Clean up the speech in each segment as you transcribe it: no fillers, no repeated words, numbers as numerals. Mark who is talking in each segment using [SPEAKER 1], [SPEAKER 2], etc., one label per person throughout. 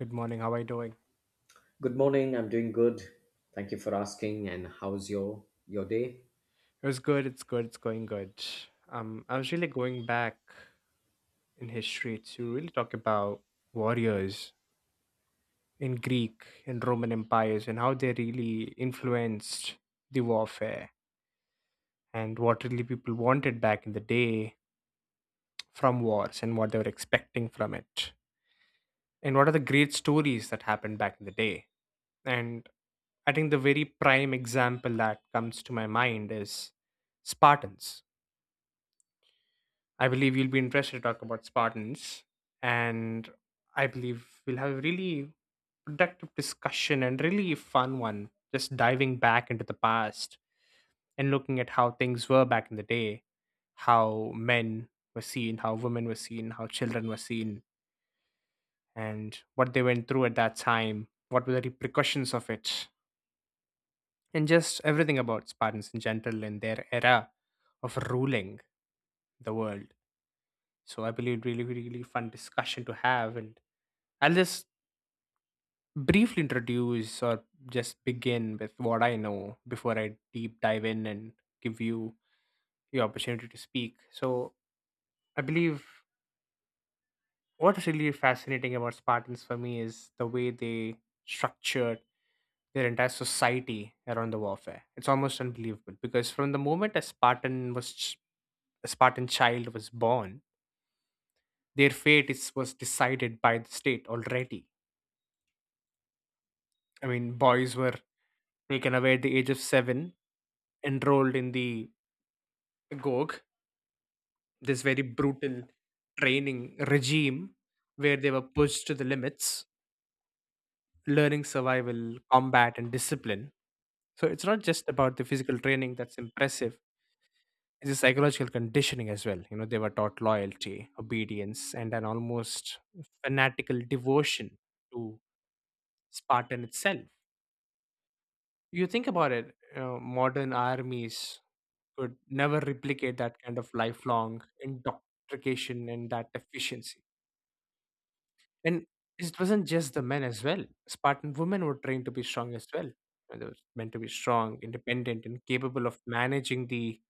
[SPEAKER 1] Good morning. How are you doing?
[SPEAKER 2] Good morning. I'm doing good. Thank you for asking. And how's your day?
[SPEAKER 1] It was good. It's good. It's going good. I was really going back in history to really talk about warriors in Greek and Roman empires and how they really influenced the warfare and what really people wanted back in the day from wars and what they were expecting from it and what are the great stories that happened back in the day. And I think the very prime example that comes to my mind is Spartans. I believe you'll be interested to talk about Spartans, and I believe we'll have a really productive discussion and really fun one, just diving back into the past and looking at how things were back in the day, how men were seen, how women were seen, how children were seen, and what they went through at that time, what were the repercussions of it, and just everything about Spartans in general and their era of ruling the world. So I believe really, really fun discussion to have, and I'll just briefly introduce or just begin with what I know before I deep dive in and give you the opportunity to speak. So, I believe what's really fascinating about Spartans for me is the way they structured their entire society around the warfare. It's almost unbelievable because from the moment a Spartan child was born, their fate was decided by the state already. I mean, boys were taken away at the age of 7, enrolled in the Gog, this very brutal training regime where they were pushed to the limits, learning survival, combat, and discipline. So it's not just about the physical training that's impressive, it's the psychological conditioning as well. They were taught loyalty, obedience, and an almost fanatical devotion to Spartan itself. You think about it, modern armies could never replicate that kind of lifelong indoctrination and that efficiency. And it wasn't just the men as well. Spartan women were trained to be strong as well. And they were meant to be strong, independent, and capable of managing the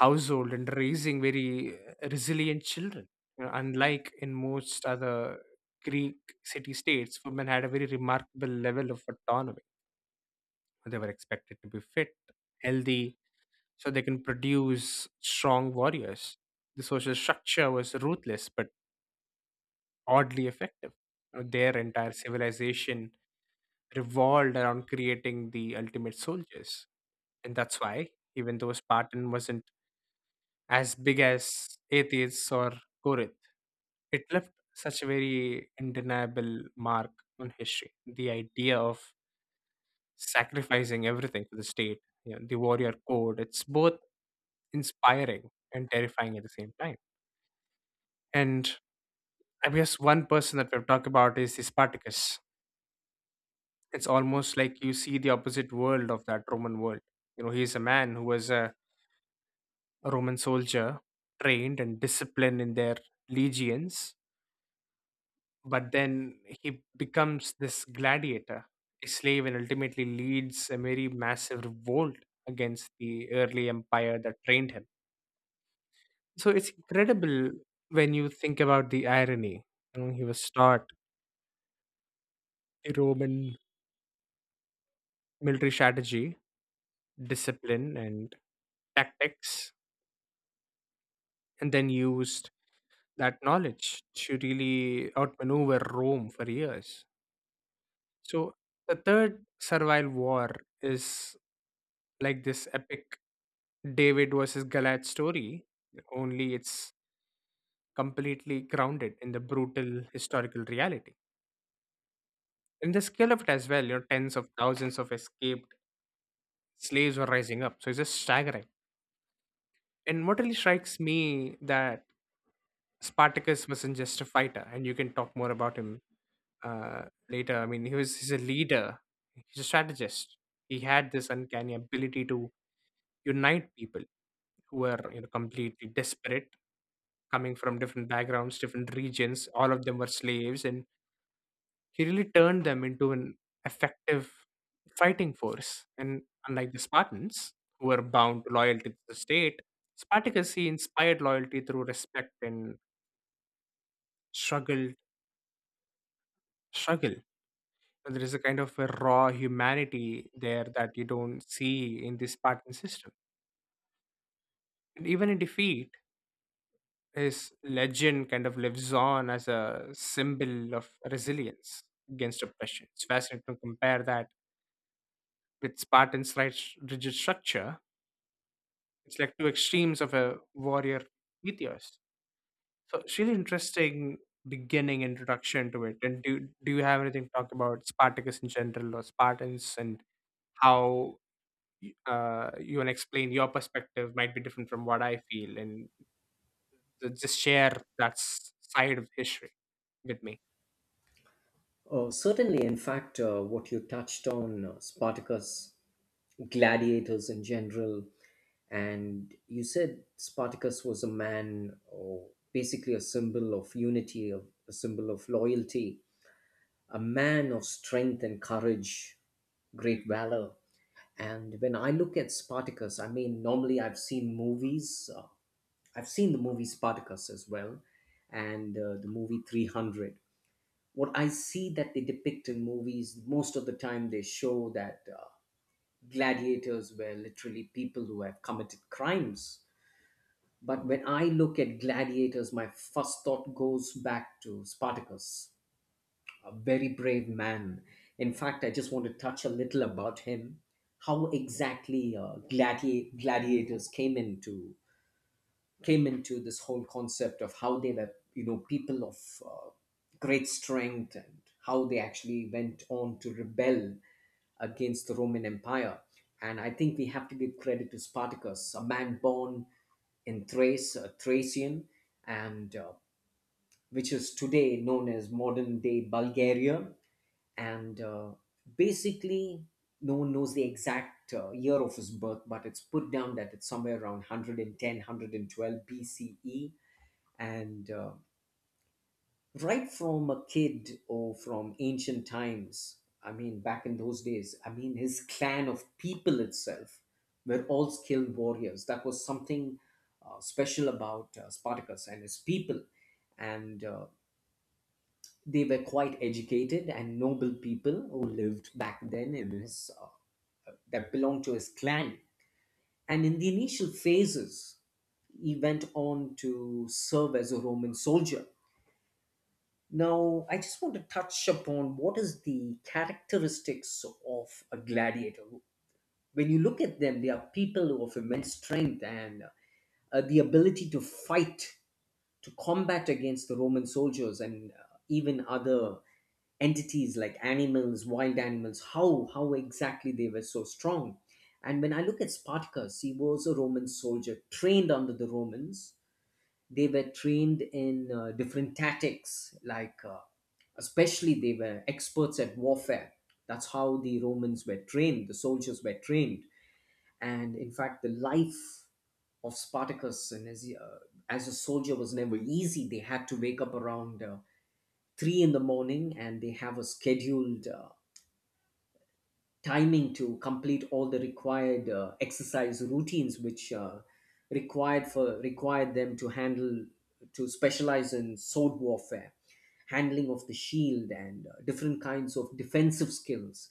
[SPEAKER 1] household and raising very resilient children. Unlike in most other Greek city states, women had a very remarkable level of autonomy. They were expected to be fit, healthy, so they can produce strong warriors. The social structure was ruthless but oddly effective. Their entire civilization revolved around creating the ultimate soldiers. And that's why, even though Spartan wasn't as big as Athens or Corinth, it left such a very undeniable mark on history. The idea of sacrificing everything for the state, the warrior code, it's both inspiring and terrifying at the same time. And I guess one person that we've talked about is the Spartacus. It's almost like you see the opposite world of that Roman world. He's a man who was a Roman soldier, trained and disciplined in their legions, but then he becomes this gladiator, a slave, and ultimately leads a very massive revolt against the early empire that trained him. So it's incredible when you think about the irony. He was taught the Roman military strategy, discipline, and tactics, and then used that knowledge to really outmaneuver Rome for years. So the third Servile War is like this epic David versus Goliath story, only it's completely grounded in the brutal historical reality. In the scale of it as well, tens of thousands of escaped slaves were rising up. So it's just staggering. And what really strikes me that Spartacus wasn't just a fighter, and you can talk more about him uh, later. I mean, he's a leader. He's a strategist. He had this uncanny ability to unite people who were completely desperate, coming from different backgrounds, different regions. All of them were slaves, and he really turned them into an effective fighting force. And unlike the Spartans, who were bound to loyalty to the state, Spartacus, he inspired loyalty through respect and struggle struggle. And there is a kind of a raw humanity there that you don't see in the Spartan system, and even in defeat his legend kind of lives on as a symbol of resilience against oppression. It's fascinating to compare that with Spartan's right, rigid structure. It's like two extremes of a warrior ethos. So it's really interesting beginning introduction to it. And do you have anything to talk about Spartacus in general or Spartans, and how you want to explain your perspective might be different from what I feel, and just share that side of history with me.
[SPEAKER 2] Oh, certainly. In fact, what you touched on Spartacus, gladiators in general, and you said Spartacus was a man, or basically a symbol of unity, of a symbol of loyalty, a man of strength and courage, great valor. And when I look at Spartacus, I mean, normally I've seen movies. I've seen the movie Spartacus as well, and the movie 300. What I see that they depict in movies, most of the time they show that gladiators were literally people who have committed crimes. But when I look at gladiators, my first thought goes back to Spartacus, a very brave man. In fact, I just want to touch a little about him, how exactly gladiators came into this whole concept of how they were, you know, people of uh, great strength and how they actually went on to rebel against the Roman Empire. And I think we have to give credit to Spartacus, a man born in Thrace, a Thracian, and which is today known as modern day Bulgaria. And basically, no one knows the exact year of his birth, but it's put down that it's somewhere around 110, 112 BCE, and right from a kid or from ancient times, I mean, back in those days, I mean, his clan of people itself were all skilled warriors. That was something special about Spartacus and his people. And they were quite educated and noble people who lived back then in his that belonged to his clan. And in the initial phases, he went on to serve as a Roman soldier. Now, I just want to touch upon what is the characteristics of a gladiator. When you look at them, they are people of immense strength and the ability to fight, to combat against the Roman soldiers and even other entities like animals, wild animals. How exactly they were so strong? And when I look at Spartacus, he was a Roman soldier trained under the Romans. They were trained in different tactics, like especially they were experts at warfare. That's how the Romans were trained, the soldiers were trained. And in fact, the life of Spartacus as a soldier was never easy. They had to wake up around 3 in the morning, and they have a scheduled timing to complete all the required exercise routines, which required them to handle, to specialize in sword warfare, handling of the shield and different kinds of defensive skills.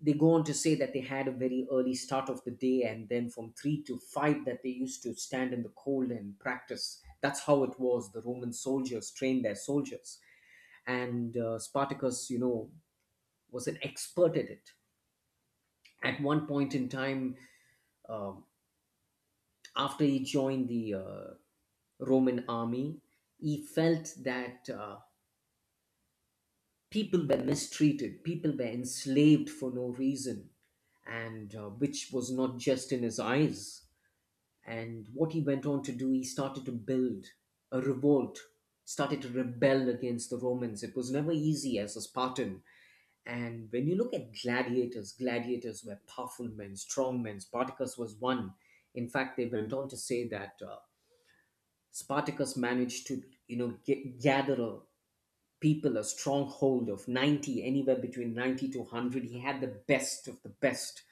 [SPEAKER 2] They go on to say that they had a very early start of the day, and then from 3 to 5 that they used to stand in the cold and practice. That's how it was, the Roman soldiers trained their soldiers. And Spartacus, you know, was an expert at it. At one point in time, uh, after he joined the Roman army, he felt that people were mistreated, people were enslaved for no reason, and which was not just in his eyes. And what he went on to do, he started to build a revolt, started to rebel against the Romans. It was never easy as a Spartan. And when you look at gladiators, gladiators were powerful men, strong men. Spartacus was one. In fact, they went on to say that Spartacus managed to, you know, gather a stronghold of 90, anywhere between 90 to 100. He had the best of the best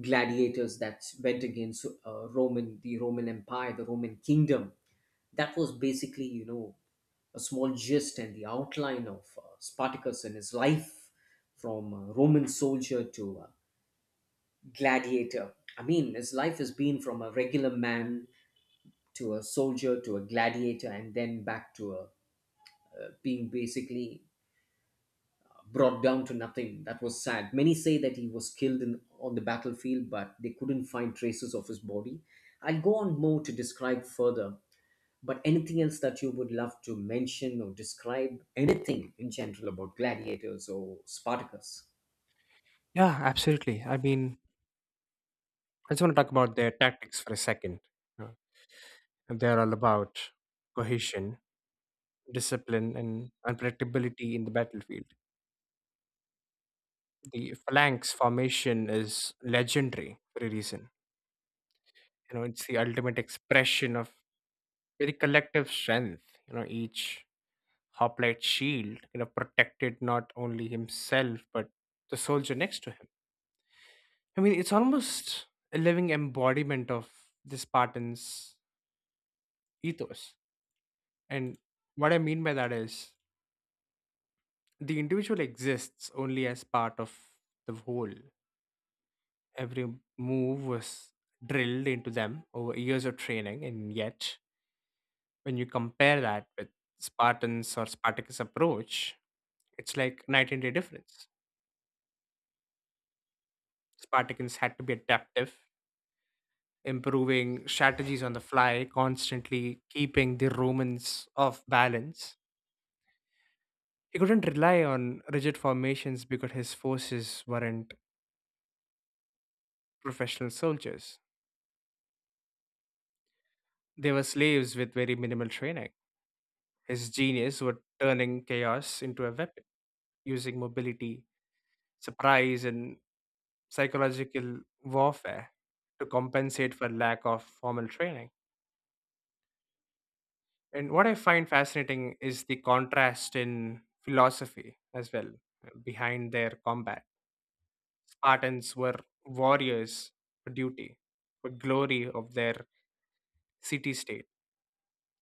[SPEAKER 2] gladiators that went against the Roman Empire, the Roman Kingdom. That was basically, you know, a small gist and the outline of Spartacus and his life, from a Roman soldier to gladiator. I mean, his life has been from a regular man to a soldier to a gladiator and then back to being basically brought down to nothing. That was sad. Many say that he was killed on the battlefield, but they couldn't find traces of his body. I'll go on more to describe further, but anything else that you would love to mention or describe, anything in general about gladiators or Spartacus?
[SPEAKER 1] Yeah, absolutely. I mean, I just want to talk about their tactics for a second. Uh, And they're all about cohesion, discipline, and unpredictability in the battlefield. The phalanx formation is legendary for a reason. It's the ultimate expression of very collective strength. Each hoplite shield, protected not only himself, but the soldier next to him. I mean, it's almost a living embodiment of the Spartans' ethos. And what I mean by that is the individual exists only as part of the whole. Every move was drilled into them over years of training, and yet when you compare that with Spartans or Spartacus' approach, it's like night and day difference. Spartacans had to be adaptive, improving strategies on the fly, constantly keeping the Romans off balance. He couldn't rely on rigid formations because his forces weren't professional soldiers. They were slaves with very minimal training. His genius was turning chaos into a weapon, using mobility, surprise, and psychological warfare to compensate for lack of formal training. And what I find fascinating is the contrast in philosophy as well, behind their combat. Spartans were warriors for duty, for glory of their city state.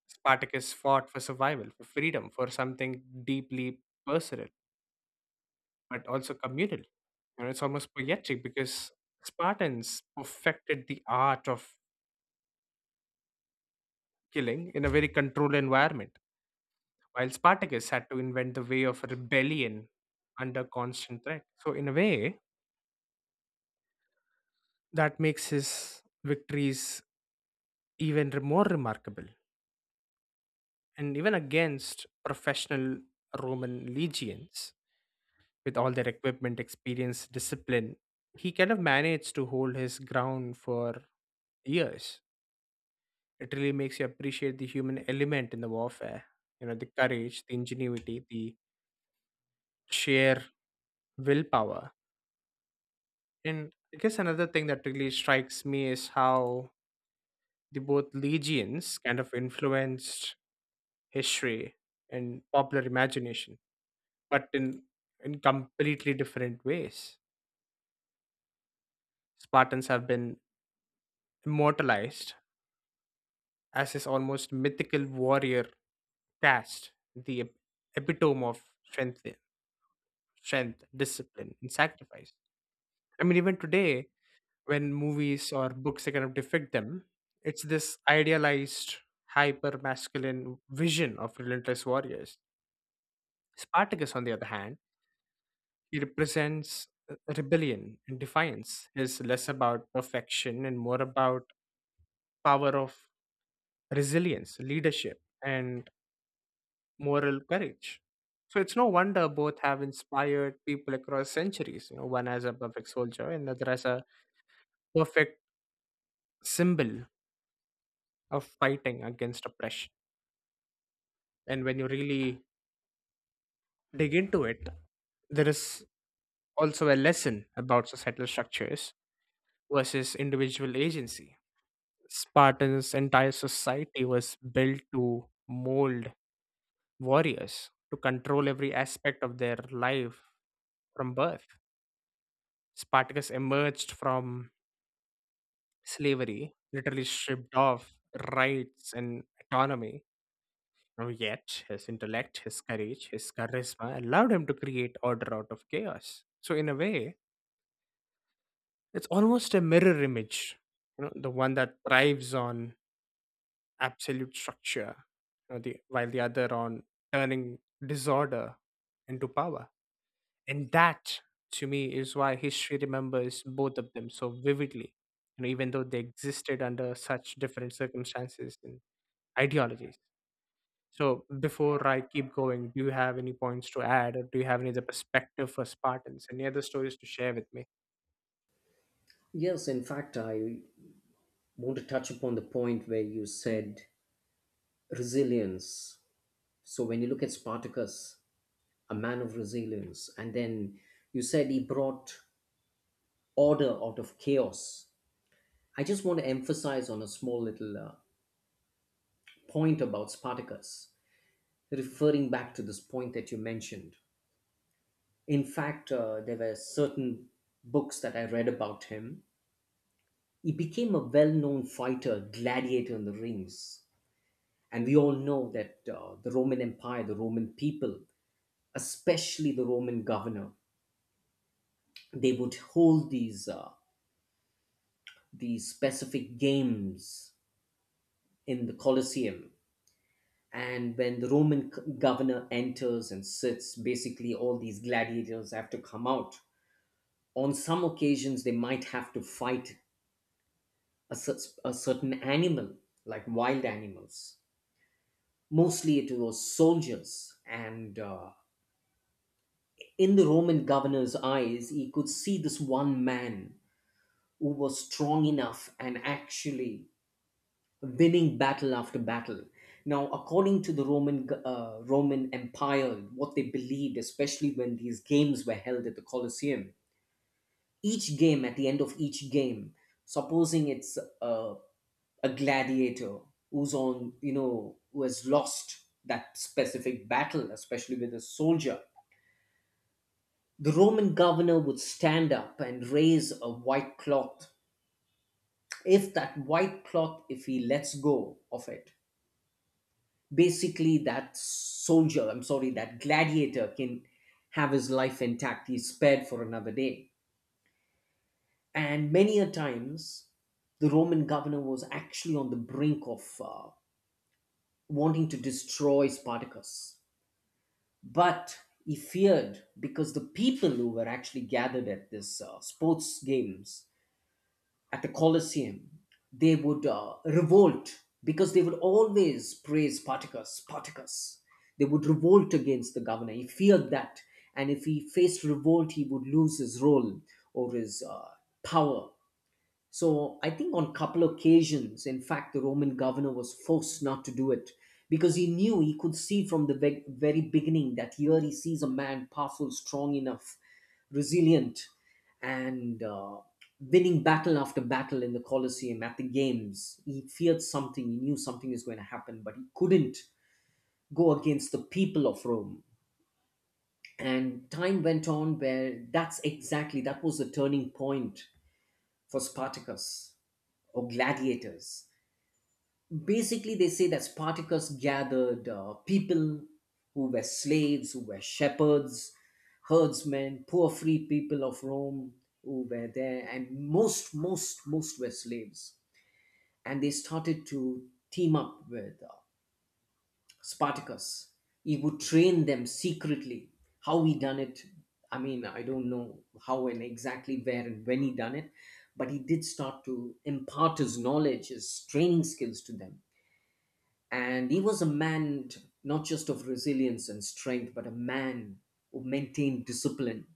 [SPEAKER 1] Spartacus fought for survival, for freedom, for something deeply personal but also communal. It's almost poetic because Spartans perfected the art of killing in a very controlled environment, while Spartacus had to invent the way of rebellion under constant threat. So, in a way, that makes his victories even more remarkable. And even against professional Roman legions, with all their equipment, experience, discipline, he kind of managed to hold his ground for years. It really makes you appreciate the human element in the warfare. The courage, the ingenuity, the sheer willpower. And I guess another thing that really strikes me is how the both legions kind of influenced history and popular imagination, but in completely different ways. Spartans have been immortalized as this almost mythical warrior caste, the epitome of strength, discipline, and sacrifice. I mean, even today, when movies or books they kind of depict them, it's this idealized, hyper masculine vision of relentless warriors. Spartacus, on the other hand, he represents rebellion and defiance. He's less about perfection and more about power of resilience, leadership, and moral courage. So it's no wonder both have inspired people across centuries. One as a perfect soldier and another as a perfect symbol of fighting against oppression. And when you really dig into it, there is also a lesson about societal structures versus individual agency. Spartans' entire society was built to mold warriors, to control every aspect of their life from birth. Spartacus emerged from slavery, literally stripped off rights and autonomy. Now, yet, his intellect, his courage, his charisma allowed him to create order out of chaos. So, in a way, it's almost a mirror image, the one that thrives on absolute structure, while the other on turning disorder into power. And that, to me, is why history remembers both of them so vividly, even though they existed under such different circumstances and ideologies. So before I keep going, do you have any points to add, or do you have any other perspective for Spartans? Any other stories to share with me?
[SPEAKER 2] Yes, in fact, I want to touch upon the point where you said resilience. So when you look at Spartacus, a man of resilience, and then you said he brought order out of chaos. I just want to emphasize on a small little point about Spartacus, referring back to this point that you mentioned. In fact, there were certain books that I read about him. He became a well known fighter, gladiator in the rings. And we all know that the Roman Empire, the Roman people, especially the Roman governor, they would hold these, the specific games in the Colosseum. And when the governor enters and sits, basically all these gladiators have to come out. On some occasions, they might have to fight a, cer- a certain animal, like wild animals. Mostly it was soldiers. And in the Roman governor's eyes, he could see this one man who was strong enough and actually winning battle after battle. Now, according to the Roman Empire, what they believed, especially when these games were held at the Colosseum, each game at the end of each game, supposing it's a gladiator who's on, you know, who has lost that specific battle, especially with a soldier, the Roman governor would stand up and raise a white cloth. If that white cloth, if he lets go of it, basically that soldier, I'm sorry, that gladiator can have his life intact, he's spared for another day. And many a times the Roman governor was actually on the brink of wanting to destroy Spartacus, but he feared, because the people who were actually gathered at this sports games at the Colosseum, they would revolt, because they would always praise Spartacus. Spartacus. They would revolt against the governor. He feared that, and if he faced revolt, he would lose his role or his power. So I think on couple occasions, in fact, the Roman governor was forced not to do it, because he knew, he could see from the very beginning that here he sees a man powerful, strong enough, resilient, and winning battle after battle in the Colosseum at the games. He feared something. He knew something is going to happen, but he couldn't go against the people of Rome. And time went on where that was the turning point for Spartacus or gladiators. Basically, they say that Spartacus gathered people who were slaves, who were shepherds, herdsmen, poor free people of Rome who were there, and most were slaves. And they started to team up with Spartacus. He would train them secretly. How he done it, I mean, I don't know how and exactly where and when he done it, but he did start to impart his knowledge, his training skills to them. And he was a man not just of resilience and strength, but a man who maintained discipline,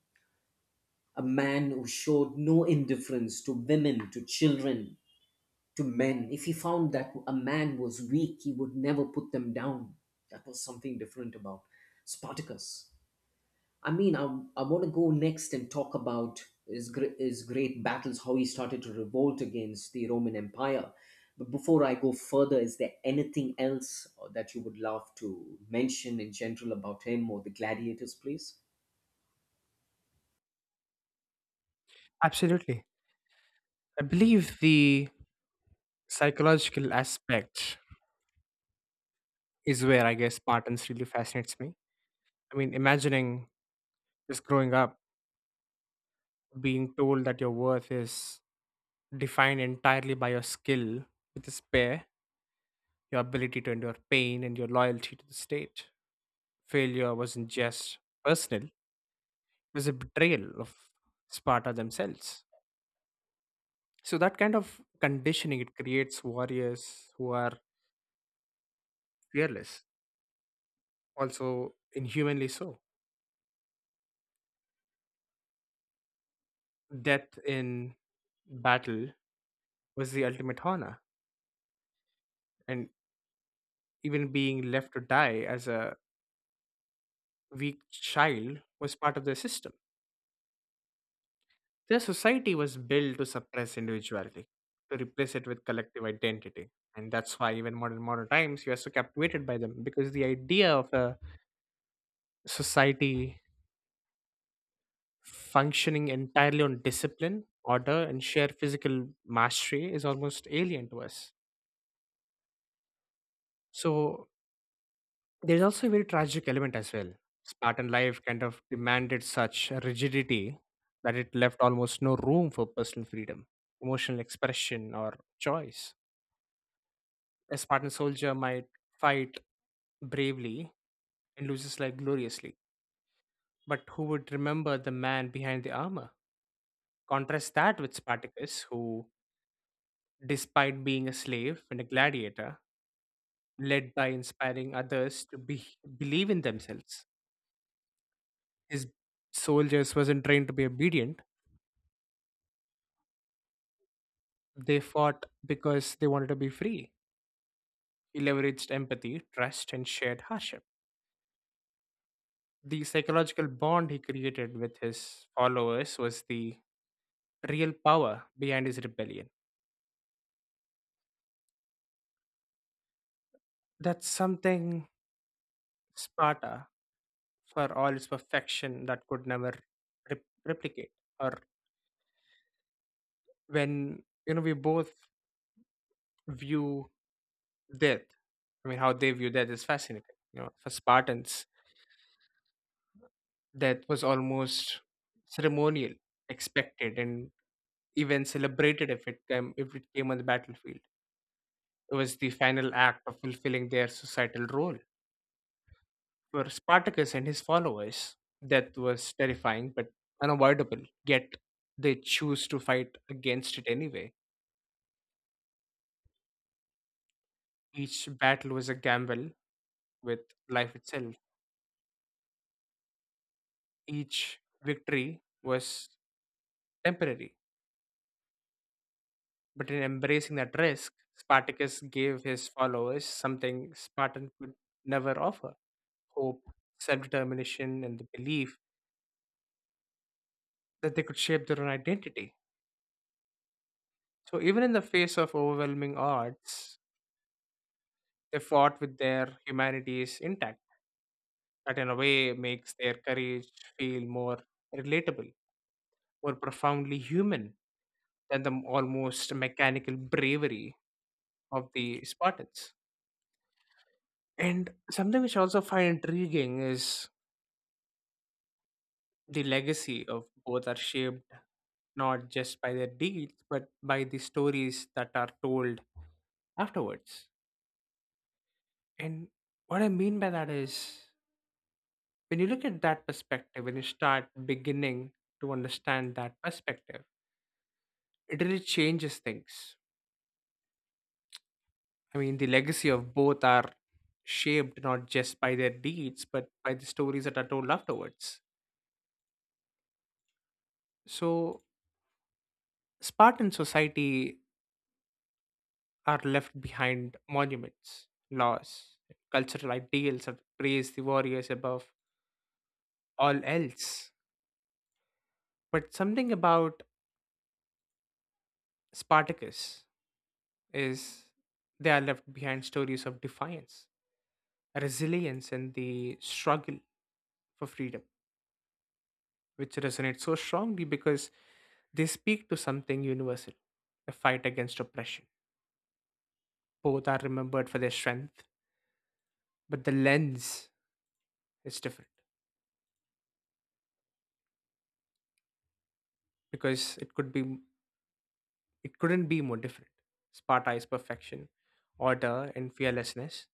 [SPEAKER 2] a man who showed no indifference to women, to children, to men. If he found that a man was weak, he would never put them down. That was something different about Spartacus. I mean, I want to go next and talk about his great battles, how he started to revolt against the Roman Empire. But before I go further, is there anything else that you would love to mention in general about him or the gladiators, please?
[SPEAKER 1] Absolutely. I believe the psychological aspect is where I guess Spartans really fascinates me. I mean, imagining just growing up being told that your worth is defined entirely by your skill with a spare, your ability to endure pain, and your loyalty to the state. Failure wasn't just personal, it was a betrayal of Sparta themselves. So that kind of conditioning, it creates warriors who are fearless, also inhumanly so. Death in battle was the ultimate honor, and even being left to die as a weak child was part of their system. Their society was built to suppress individuality, to replace it with collective identity. And that's why even modern times you are so captivated by them, because the idea of a society functioning entirely on discipline, order, and sheer physical mastery is almost alien to us. So there's also a very tragic element as well. Spartan life kind of demanded such rigidity that it left almost no room for personal freedom, emotional expression, or choice. A Spartan soldier might fight bravely and lose his life gloriously, but who would remember the man behind the armor? Contrast that with Spartacus, who, despite being a slave and a gladiator, led by inspiring others to be, believe in themselves. His soldiers wasn't trained to be obedient. They fought because they wanted to be free. He leveraged empathy, trust, and shared hardship. The psychological bond he created with his followers was the real power behind his rebellion. That's something Sparta, for all its perfection, that could never replicate. Or when you know we both view death I mean, how they view that is fascinating. You know, for Spartans, death was almost ceremonial, expected, and even celebrated if it came on the battlefield. It was the final act of fulfilling their societal role. For Spartacus and his followers, death was terrifying but unavoidable. Yet they choose to fight against it anyway. Each battle was a gamble with life itself. Each victory was temporary. But in embracing that risk, Spartacus gave his followers something Spartan could never offer hope, self determination, and the belief that they could shape their own identity. So, even in the face of overwhelming odds, they fought with their humanities intact. That, in a way, makes their courage feel more relatable, more profoundly human than the almost mechanical bravery of the Spartans. And something which I also find intriguing is the legacy of both are shaped not just by their deeds, but by the stories that are told afterwards. And what I mean by that is when you look at that perspective, when you start beginning to understand that perspective, it really changes things. I mean, the legacy of both are shaped not just by their deeds, but by the stories that are told afterwards. So, Spartan society are left behind monuments, laws, cultural ideals that praise the warriors above all else. But something about Spartacus is they are left behind stories of defiance, resilience, and the struggle for freedom, which resonate so strongly because they speak to something universal the fight against oppression. Both are remembered for their strength, but the lens is different because it couldn't be more different. Sparta is perfection, order, and fearlessness.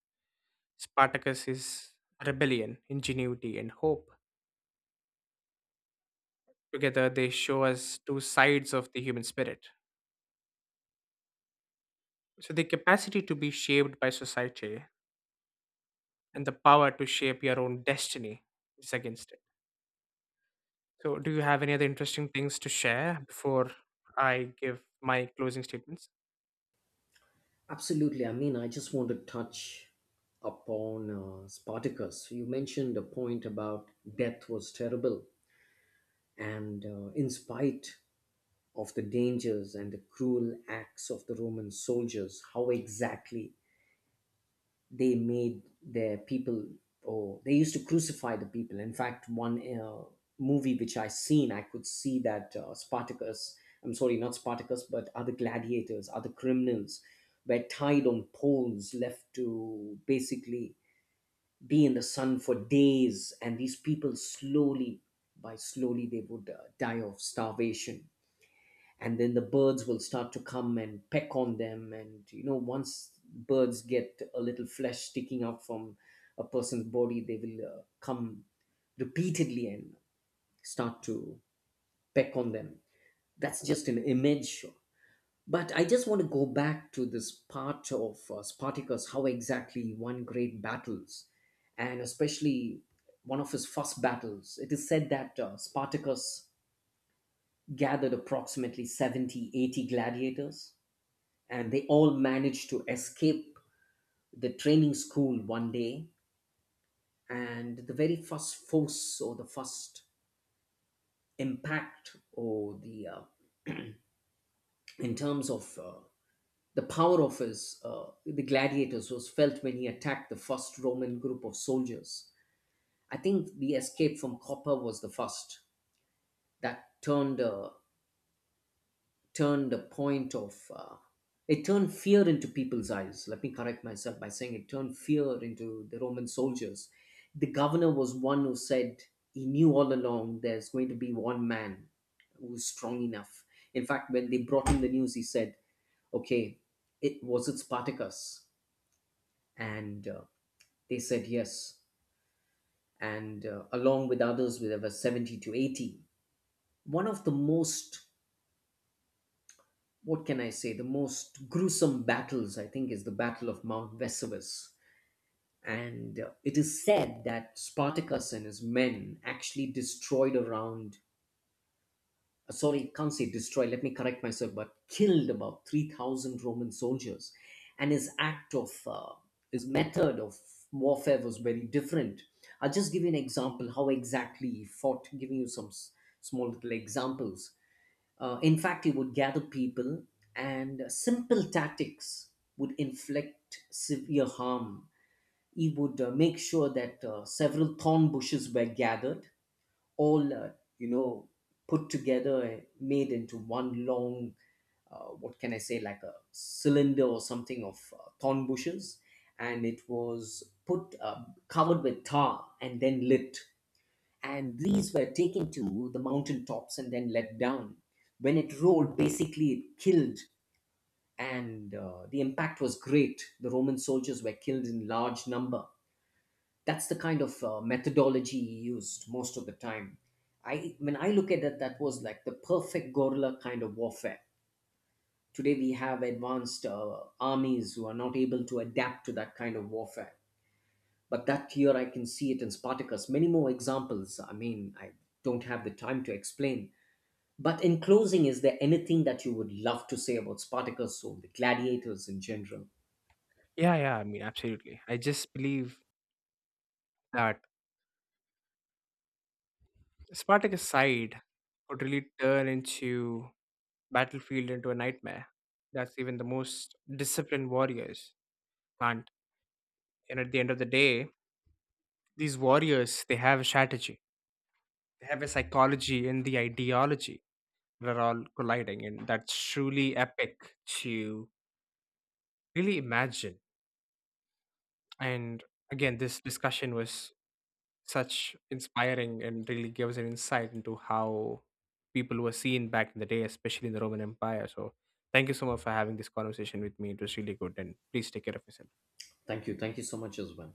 [SPEAKER 1] Spartacus is rebellion, ingenuity, and hope. Together, they show us two sides of the human spirit. So, the capacity to be shaped by society and the power to shape your own destiny is against it. So, do you have any other interesting things to share before I give my closing statements?
[SPEAKER 2] Absolutely. I mean, I just want to touch upon Spartacus. You mentioned a point about death was terrible, and in spite of the dangers and the cruel acts of the Roman soldiers, how exactly they made their people or they used to crucify the people. In fact, one movie which I seen, I could see that Spartacus, I'm sorry, not Spartacus, but other gladiators, other criminals, were tied on poles, left to basically be in the sun for days. And these people, slowly by slowly, they would die of starvation. And then the birds will start to come and peck on them. And once birds get a little flesh sticking out from a person's body, they will come repeatedly and start to peck on them. That's just an image. But I just want to go back to this part of Spartacus, how exactly he won great battles. And especially one of his first battles, it is said that Spartacus gathered approximately 70, 80 gladiators, and they all managed to escape the training school one day. And the very first force, or the first impact, or the in terms of the power of his the gladiators was felt when he attacked the first Roman group of soldiers. I think the escape from Copper was the first that turned a point of it turned fear into people's eyes. Let me correct myself by saying it turned fear into the Roman soldiers. The governor was one who said he knew all along there's going to be one man who's strong enough. In fact, when they brought him the news, he said, okay, it was it Spartacus? And they said yes. And along with others, there were 70 to 80. One of the most, what can I say, the most gruesome battles, I think, is the Battle of Mount Vesuvius. And it is said that Spartacus and his men actually destroyed around, can't say destroy, let me correct myself, but killed about 3,000 Roman soldiers. And his his method of warfare was very different. I'll just give you an example how exactly he fought, giving you some small little examples. In fact, he would gather people, and simple tactics would inflict severe harm. He would make sure that several thorn bushes were gathered, all you know, put together, made into one long, what can I say, like a cylinder or something of thorn bushes, and it was put covered with tar and then lit, and these were taken to the mountaintops and then let down. When it rolled, basically it killed, and the impact was great. The Roman soldiers were killed in large number. That's the kind of methodology he used most of the time. I When I look at it, that was like the perfect guerrilla kind of warfare. Today we have advanced armies who are not able to adapt to that kind of warfare. But that here I can see it in Spartacus. Many more examples. I mean, I don't have the time to explain. But in closing, is there anything that you would love to say about Spartacus or the gladiators in general?
[SPEAKER 1] Yeah, yeah, I mean, absolutely. I just believe that Spartacus side would really turn into battlefield into a nightmare. That's even the most disciplined warriors can't. And at the end of the day, these warriors, they have a strategy, they have a psychology and the ideology that are all colliding. And that's truly epic to really imagine. And again, this discussion was such inspiring and really gives an insight into how people were seen back in the day, especially in the Roman Empire. So thank you so much for having this conversation with me. It was really good. And please take care of yourself.
[SPEAKER 2] Thank you. Thank you so much as well.